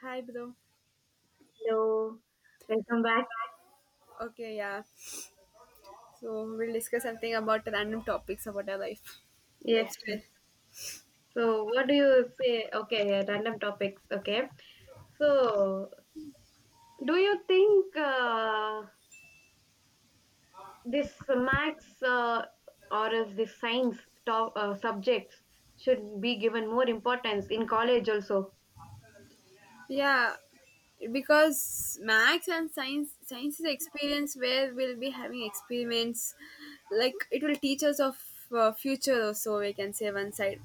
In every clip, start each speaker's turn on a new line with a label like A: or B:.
A: Hi, bro.
B: Hello, welcome back.
A: Okay, yeah. So we'll discuss something about random topics about our life,
B: Yes.
A: lifestyle.
B: So, what do you say? Okay, random topics. Okay. So, do you think this max or is this science top subjects should be given more importance in college also?
A: Yeah, because maths and science, science is experience where we'll be having experiments. Like it will teach us of future or so. We can say one side.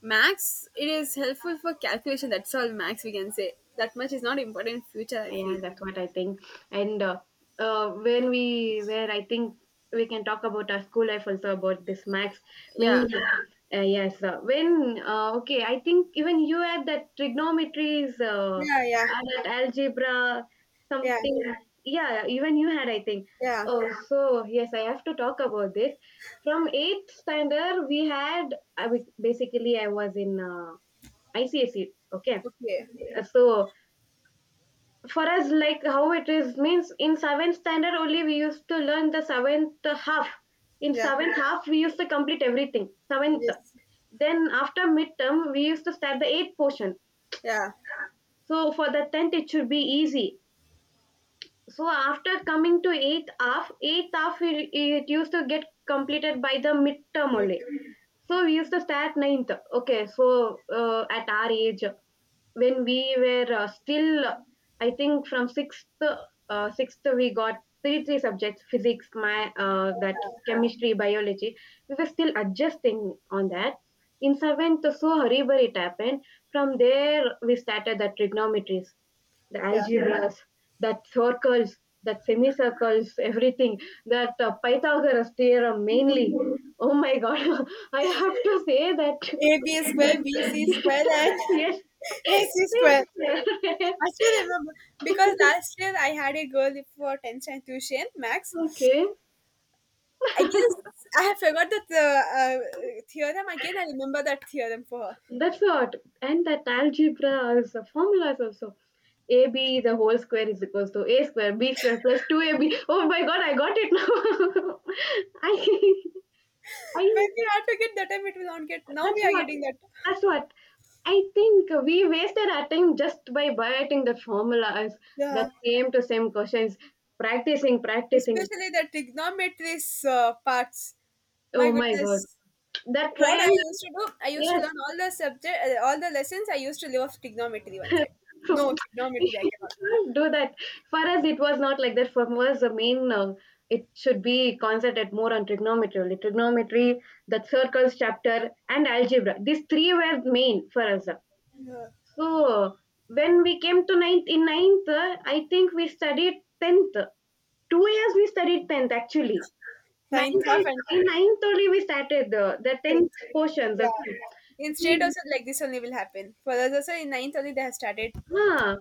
A: Max, it is helpful for calculation. That's all. Max, we can say that much is not important in future. I
B: Yeah,
A: feel.
B: that's what I think. And when we where I think we can talk about our school life also about this max mainly.
A: Yeah.
B: Yeah. I think even you had that trigonometries,
A: Yeah, yeah,
B: and that algebra,
A: yeah,
B: something. Yeah, yeah, even you had, I think.
A: yeah.
B: Oh, yeah. So yes, I have to talk about this. From eighth standard, we had. Basically I was in ICSE. Okay,
A: Okay.
B: yeah. So for us, like, how it is means, in seventh standard only we used to learn the seventh half. In
A: Yeah.
B: seventh half we used to complete everything seventh.
A: Yes.
B: Then after midterm we used to start the eighth portion,
A: Yeah.
B: so for the tenth it should be easy. So after coming to eighth half, eighth half it used to get completed by the midterm
A: Me
B: only,
A: too.
B: so we used to start ninth. Okay, so at our age, when we were still, I think from 6th, 6th, we got three subjects, physics, my that chemistry, biology. We were still adjusting on that. In 7th, so horrible it happened. From there we started the trigonometries, the
A: Yeah.
B: algebras, that circles, that semicircles, everything, that Pythagoras theorem mainly. Oh my god, I have to say that.
A: AB squared, BC squared, and
B: Yes.
A: AC
B: Yes,
A: squared.
B: yes.
A: I still remember because last year I had a girl for 10th standard tuition, Max.
B: Okay,
A: I guess I have forgot the uh, theorem again. I remember that theorem for her.
B: that's what. And that algebra also, formulas also. AB the whole square is equals to A square, B square plus 2AB. Oh my god, I got it now. I,
A: When
B: I,
A: we not forget that time, it will not get. Now
B: that's
A: we are
B: what,
A: getting that.
B: that's what. I think we wasted our time just by biting the formulas, the
A: Yeah,
B: same to same questions, practicing, practicing.
A: especially the trigonometry parts. My
B: Oh my god,
A: goodness.
B: that
A: What I
B: triangle.
A: used to do, I used to
B: Yes,
A: learn all the subject, all the lessons. I used to live off trigonometry one side.
B: true.
A: No
B: You
A: trigonometry, I cannot.
B: can't do that. For us, it was not like that. For us, the main it should be concentrated more on trigonometry, only. Trigonometry, the circles chapter, and algebra. These three were main for us.
A: Yeah.
B: So when we came to ninth, in ninth, I think we studied tenth. 2 years we studied tenth actually.
A: Ninth
B: Ninth
A: half
B: only-
A: and
B: in ninth only we started the tenth
A: tenth.
B: portions.
A: Yeah.
B: Okay.
A: In state
B: We,
A: also like this only will happen. For us also in ninth only they have started.
B: huh.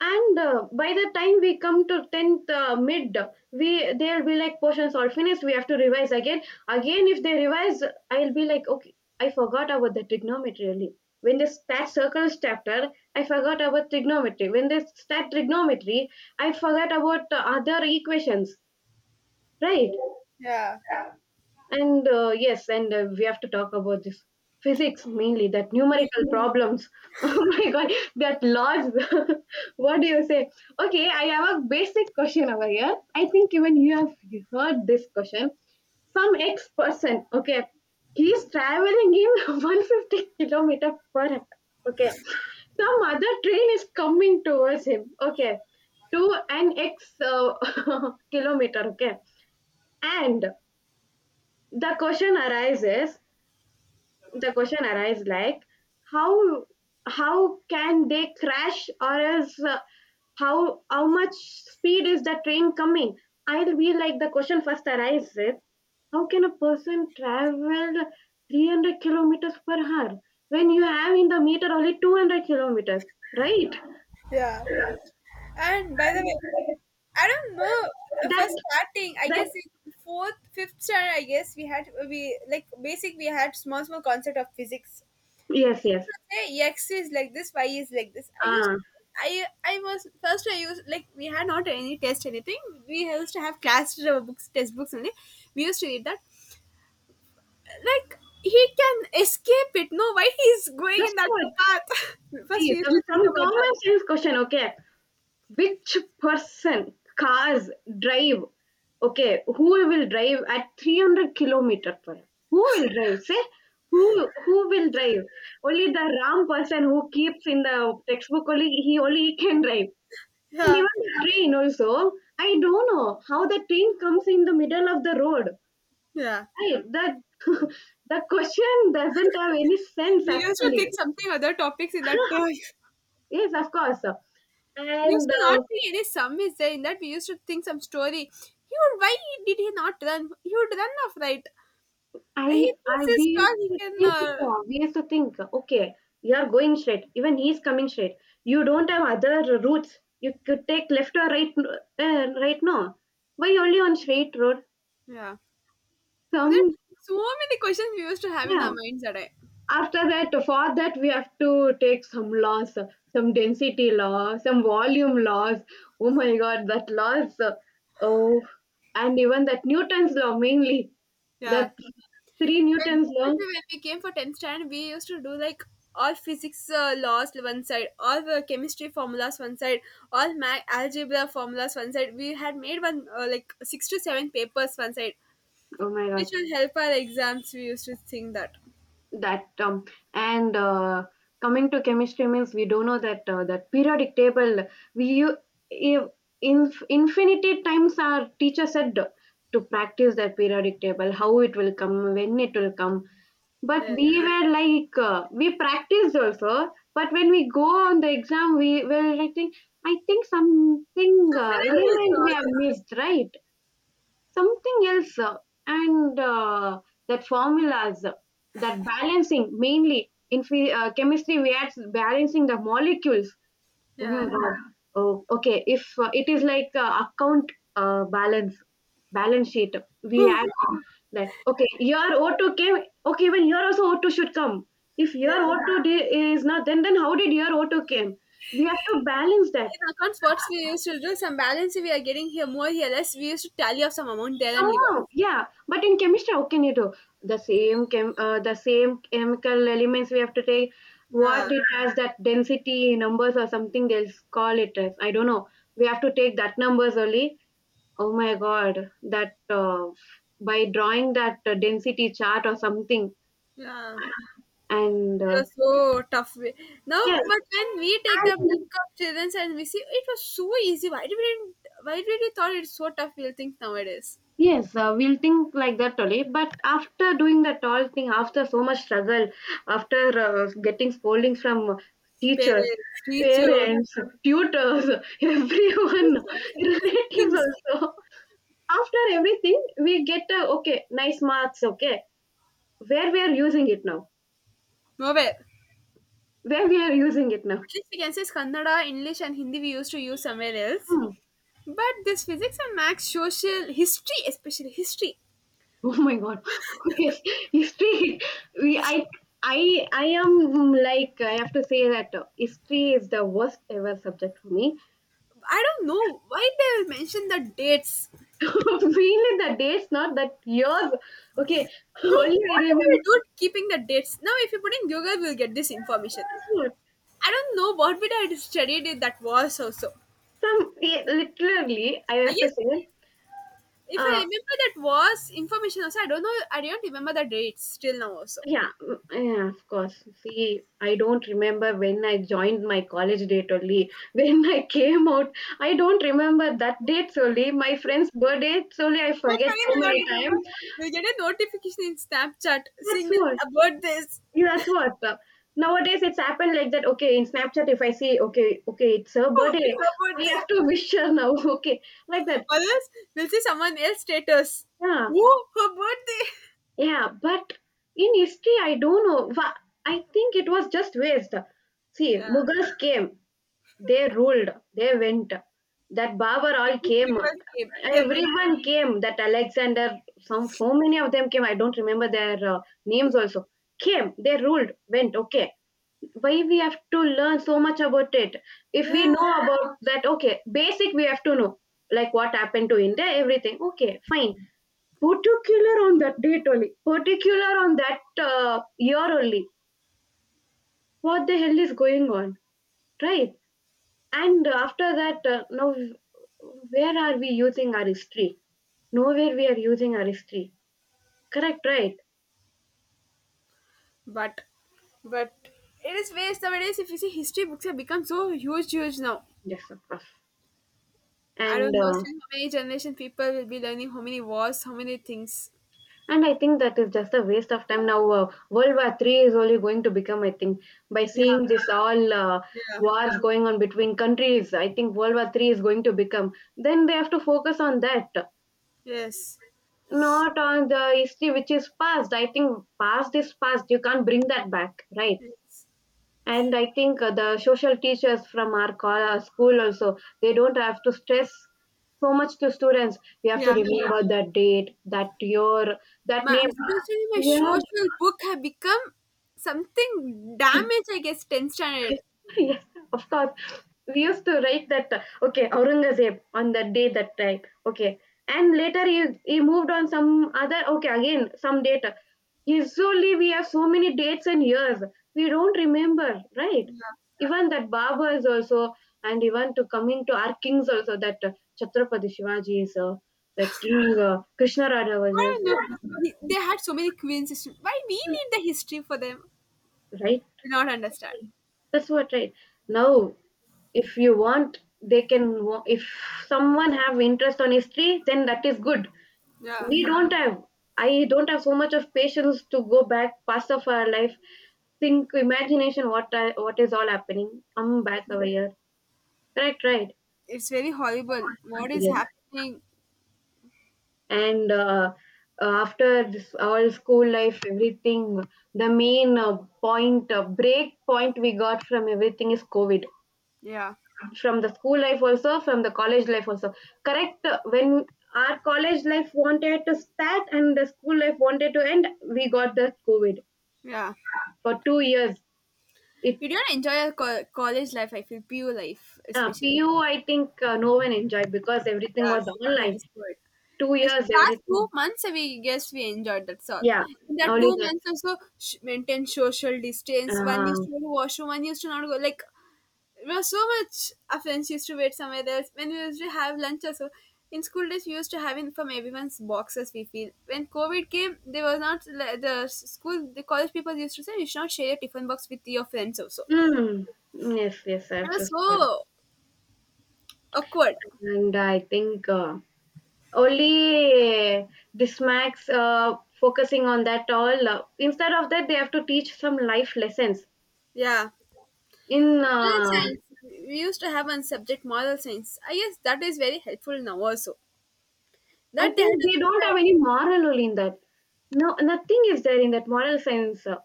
B: And by the time we come to 10th mid, we, there'll be like portions all finished, we have to revise again. Again if they revise, I'll be like, okay, I forgot about the trigonometry. Really, when they start circles chapter, I forgot about trigonometry. When they start trigonometry, I forgot about the other equations, right?
A: Yeah.
B: And we have to talk about this physics mainly, that numerical problems. Oh my god, that laws. What do you say? Okay, I have a basic question over here. I think even you have heard this question. Some X person, okay, he is traveling in 150 kilometer per hour. Okay, some other train is coming towards him. Okay, to an X kilometer. Okay, and the question arises the question arises like, how how can they crash, or else how much speed is the train coming? I'll be like, the question first arises, how can a person travel 300 kilometers per hour when you have in the meter only 200 kilometers, right?
A: Yeah. And by the way, I don't know. For
B: that
A: starting, I
B: that
A: guess in fourth, fifth standard, I guess we had we like basic we had small small concept of physics.
B: yes yes
A: So say x is like this, y is like this. I used
B: ah
A: I was first I used like, we had not any test anything. We used to have class books test books only. We used to read that. Like he can escape it. No, why he's going in
B: that's
A: that
B: what.
A: path?
B: See,
A: First, we used
B: some
A: to
B: some
A: think about that.
B: common sense question. Okay, which person cars drive? Okay, who will drive at 300 kilometer per hour? Who will drive? Say, who who will drive? Only the ram person who keeps in the textbook, only he can drive. And
A: Yeah,
B: even the train also, I don't know how the train comes in the middle of the road,
A: yeah.
B: right? That, the question doesn't have any sense
A: We used to
B: actually.
A: think something other topics in that. We
B: Yes, of course.
A: used
B: And
A: to not think any sum is there in that. We used to think some story. He would. Why did he not run? He would run off, right? He thinks
B: I
A: he's
B: we
A: strong.
B: used
A: He
B: to
A: can.
B: think, okay you are going straight, even he is coming straight. You don't have other routes? You could take left or right, right? No, why only on straight road?
A: Yeah. There, are
B: Some,
A: so many questions we used to have in
B: yeah.
A: our minds that I.
B: After that, for that we have to take some laws, some density law, some volume laws. Oh my god, that laws, oh, and even that Newton's law mainly,
A: Yeah.
B: that three Newton's law.
A: When we came for 10th standard, we used to do like all physics laws one side, all chemistry formulas one side, all math algebra formulas one side. We had made one like six to seven papers one side,
B: Oh my
A: which
B: god.
A: will help our exams. We used to think that.
B: That and Coming to chemistry means, we do know that that periodic table. We u- if In infinity times our teacher said to practice that periodic table, how it will come, when it will come. But we
A: Yes.
B: were like, we practiced also, but when we go on the exam we were like think, I think something,
A: Somewhere we
B: element we
A: saw
B: have
A: this.
B: missed, right? Something else. And That formulas, that balancing mainly in chemistry, we add balancing the molecules. Oh my
A: Yeah.
B: god. Oh, okay, if it is like account, balance, balance sheet, we
A: Whew.
B: add that. Okay, your O2 came, okay, even your also O2 should come. If
A: Yeah.
B: your is not, then, then how did your O2 came? We have to balance that.
A: In accounts, what we used to do some balance we are getting here more here less. We used to tally up some amount there and leave off.
B: Somehow, yeah. But in chemistry, how can you do the same the same chemical elements? We have to take
A: Yeah.
B: what it has, that density numbers or something. They'll call it as, I don't know. We have to take that numbers only. Oh my god, that, by drawing that density chart or something.
A: Yeah.
B: And
A: It was so tough. Now,
B: yes.
A: but when we take the book of children's and we see it was so easy. Why did we didn't, why did we thought it's so tough? We'll think nowadays.
B: Yes, we'll think like that only. But after doing that all thing, after so much struggle, after getting scoldings from teachers,
A: Parents, teachers,
B: parents, tutors, everyone, relatives
A: siblings,
B: also, after everything, we get, okay, nice marks. Okay, where we are using it now,
A: nowhere.
B: where we are using it now.
A: At least we can say it's Kannada, English, and Hindi we used to use somewhere else.
B: Hmm.
A: But this physics and maths, social, history, especially history.
B: Oh my God! Yes, history. We I am like, I have to say that history is the worst ever subject for me.
A: I don't know why they mention the dates.
B: Mainly the dates, not that years. Okay,
A: No, what
B: only I
A: are we
B: remember
A: doing keeping the dates? Now, if you put in Google, we'll get this
B: the
A: information.
B: food.
A: I don't know what would I had studied in that was also.
B: Some, yeah, literally, I
A: I
B: have
A: guess
B: to say,
A: if I
B: uh,
A: remember that was information also, I don't know. I don't remember the dates till now also.
B: yeah, yeah, of course. See, I don't remember when I joined my college date only. When I came out, I don't remember that date only. My friend's birthday only, I
A: But
B: forget
A: funny,
B: so
A: will not
B: many
A: remember.
B: times.
A: We get a notification in Snapchat saying
B: That's
A: that
B: all.
A: about this.
B: Yeah, that's what. Nowadays it's happened like that. Okay, in Snapchat, if I see, okay, okay, it's her
A: Oh,
B: birthday,
A: it's her
B: I
A: birthday.
B: have to wish her now. Okay, like that.
A: Or else we'll see someone else status.
B: Yeah,
A: Oh, her birthday.
B: yeah. But in history, I don't know. I think it was just waste. See,
A: Yeah,
B: Mughals came, they ruled, they went. That Babar all
A: British
B: came.
A: people came. They went.
B: Everyone came. That Alexander, some so many of them came. I don't remember their names also. Came, they ruled, went. Okay, why we have to learn so much about it? If we
A: Yeah,
B: know about that, okay, basic we have to know, like what happened to India, everything, okay, fine. Particular on that date only, particular on that year only, what the hell is going on, right? And after that, now, where are we using our history? Nowhere we are using our history, correct, right?
A: but but it is waste nowadays. If you see history books have become so huge, huge now.
B: Yes, of course.
A: I
B: And
A: don't know still how many generation people will be learning how many wars, how many things.
B: and I think that is just a waste of time. Now, World War Three is only going to become, I think, by
A: Yeah,
B: seeing this all
A: yeah,
B: wars going on between countries. I think World War Three is going to become. Then they have to focus on that,
A: yes,
B: not on the history which is past. I think past is past. You can't bring that back, right?
A: yes,
B: And I think the social teachers from our school also, they don't have to stress so much to students. You have to
A: yeah.
B: remember that date, that year, that
A: My
B: name.
A: especially my
B: Yeah.
A: social book have become something damaged. I guess tenth standard.
B: Yes, of course. We used to write that, okay, Aurangzeb on that day, that time. Okay. And later he moved on some other, okay, again, some date. Usually we have so many dates and years. We don't remember, right?
A: Yeah.
B: Even that Babas also, and even to coming to our kings also, that Chhatrapati Shivaji is, that king Krishna Raja was,
A: I don't know. They had so many queens. Why we need the history for them?
B: right?
A: Do not understand.
B: That's what, right? Now, if you want, they can, if someone have interest on history, then that is good.
A: Yeah,
B: We don't have, I don't have so much of patience to go back past of our life, think imagination what what is all happening, I'm back over here, right, right?
A: it's very horrible. What is
B: Yes.
A: happening?
B: And after this all school life, everything, the main point break point we got from everything is covid,
A: Yeah,
B: from the school life also, from the college life also, correct? When our college life wanted to start and the school life wanted to end, we got the covid
A: yeah.
B: for 2 years. It
A: You don't enjoy your college life. I feel PU life, especially.
B: pu, I think, no one enjoyed because everything
A: Yeah,
B: was
A: because of
B: online.
A: this word.
B: 2
A: Yes,
B: years
A: but last
B: everything.
A: two months we guess we enjoyed that's all.
B: Yeah,
A: In that
B: only
A: two
B: that.
A: months also maintain social distance. One used
B: uh,
A: to go to washroom, one used to not go. Like there was so much our friends used to wait somewhere else. When we used to have lunch also. In school days, we used to have in from everyone's boxes. We feel when COVID came, there was not the school, the college people used to say you should not share your tiffin box with your friends also.
B: mm, yes, yes, I
A: It
B: have to
A: was
B: say.
A: so awkward.
B: And I think, only dismax, focusing on that all, instead of that they have to teach some life lessons
A: Yeah.
B: in.
A: Model science. We used to have one subject, model science. I guess that is very helpful now also.
B: I
A: That they had
B: think
A: to
B: they
A: keep
B: don't
A: a,
B: have any moral only in that. No, nothing is there in that moral science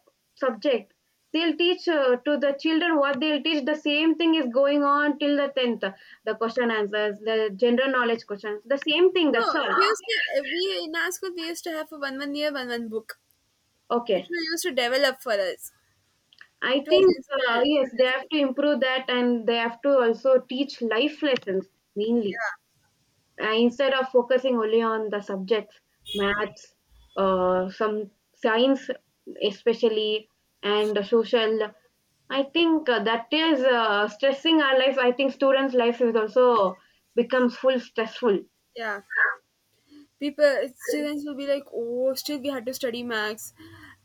B: subject. They'll teach to the children. What they'll teach, the same thing is going on till the 10th, the question answers, the general knowledge questions, the same thing,
A: no.
B: that's all.
A: We used to eh, we in our school we used to have a one one year one one book. It
B: Okay,
A: was used to develop for us.
B: I
A: It was
B: think, yes, they
A: interesting.
B: have to improve that, and they have to also teach life lessons mainly,
A: Yeah,
B: instead of focusing only on the subjects, maths, some science especially, and the social. I think that is stressing our life. I think students' life is also becomes full stressful.
A: yeah. People students will be like, oh, still we had to study max.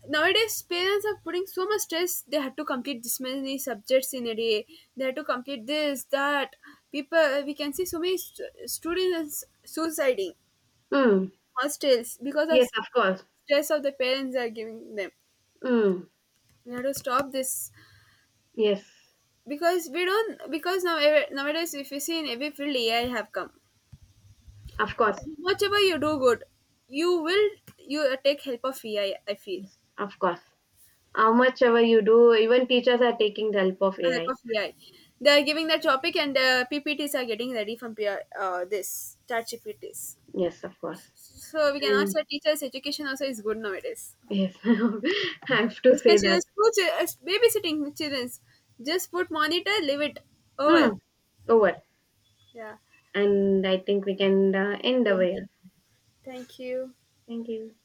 A: Nowadays, parents are putting so much stress. They had to complete this many subjects in a day. They had to complete this, that. People, we can see so many students suiciding
B: Mm.
A: hostels because of
B: Yes, of course.
A: stress of the parents are giving them.
B: Mm.
A: We have to stop this
B: Yes,
A: because we don't because now nowadays if you see in every field AI have come.
B: of course.
A: Whatever you do good, you will you take help of AI. I feel
B: Yes, of course. How much ever you do, even teachers are taking the help of
A: help
B: AI.
A: of AI. They are giving the topic and the PPTs are getting ready from this chat GPTs.
B: Yes, of course.
A: So we cannot
B: And
A: say teachers education also is good nowadays.
B: yes, I have to say
A: Especially the
B: that.
A: school babysitting children. Just put monitor, leave it over.
B: Mm, over.
A: Yeah.
B: And I think we can end over here.
A: Thank you.
B: Thank you.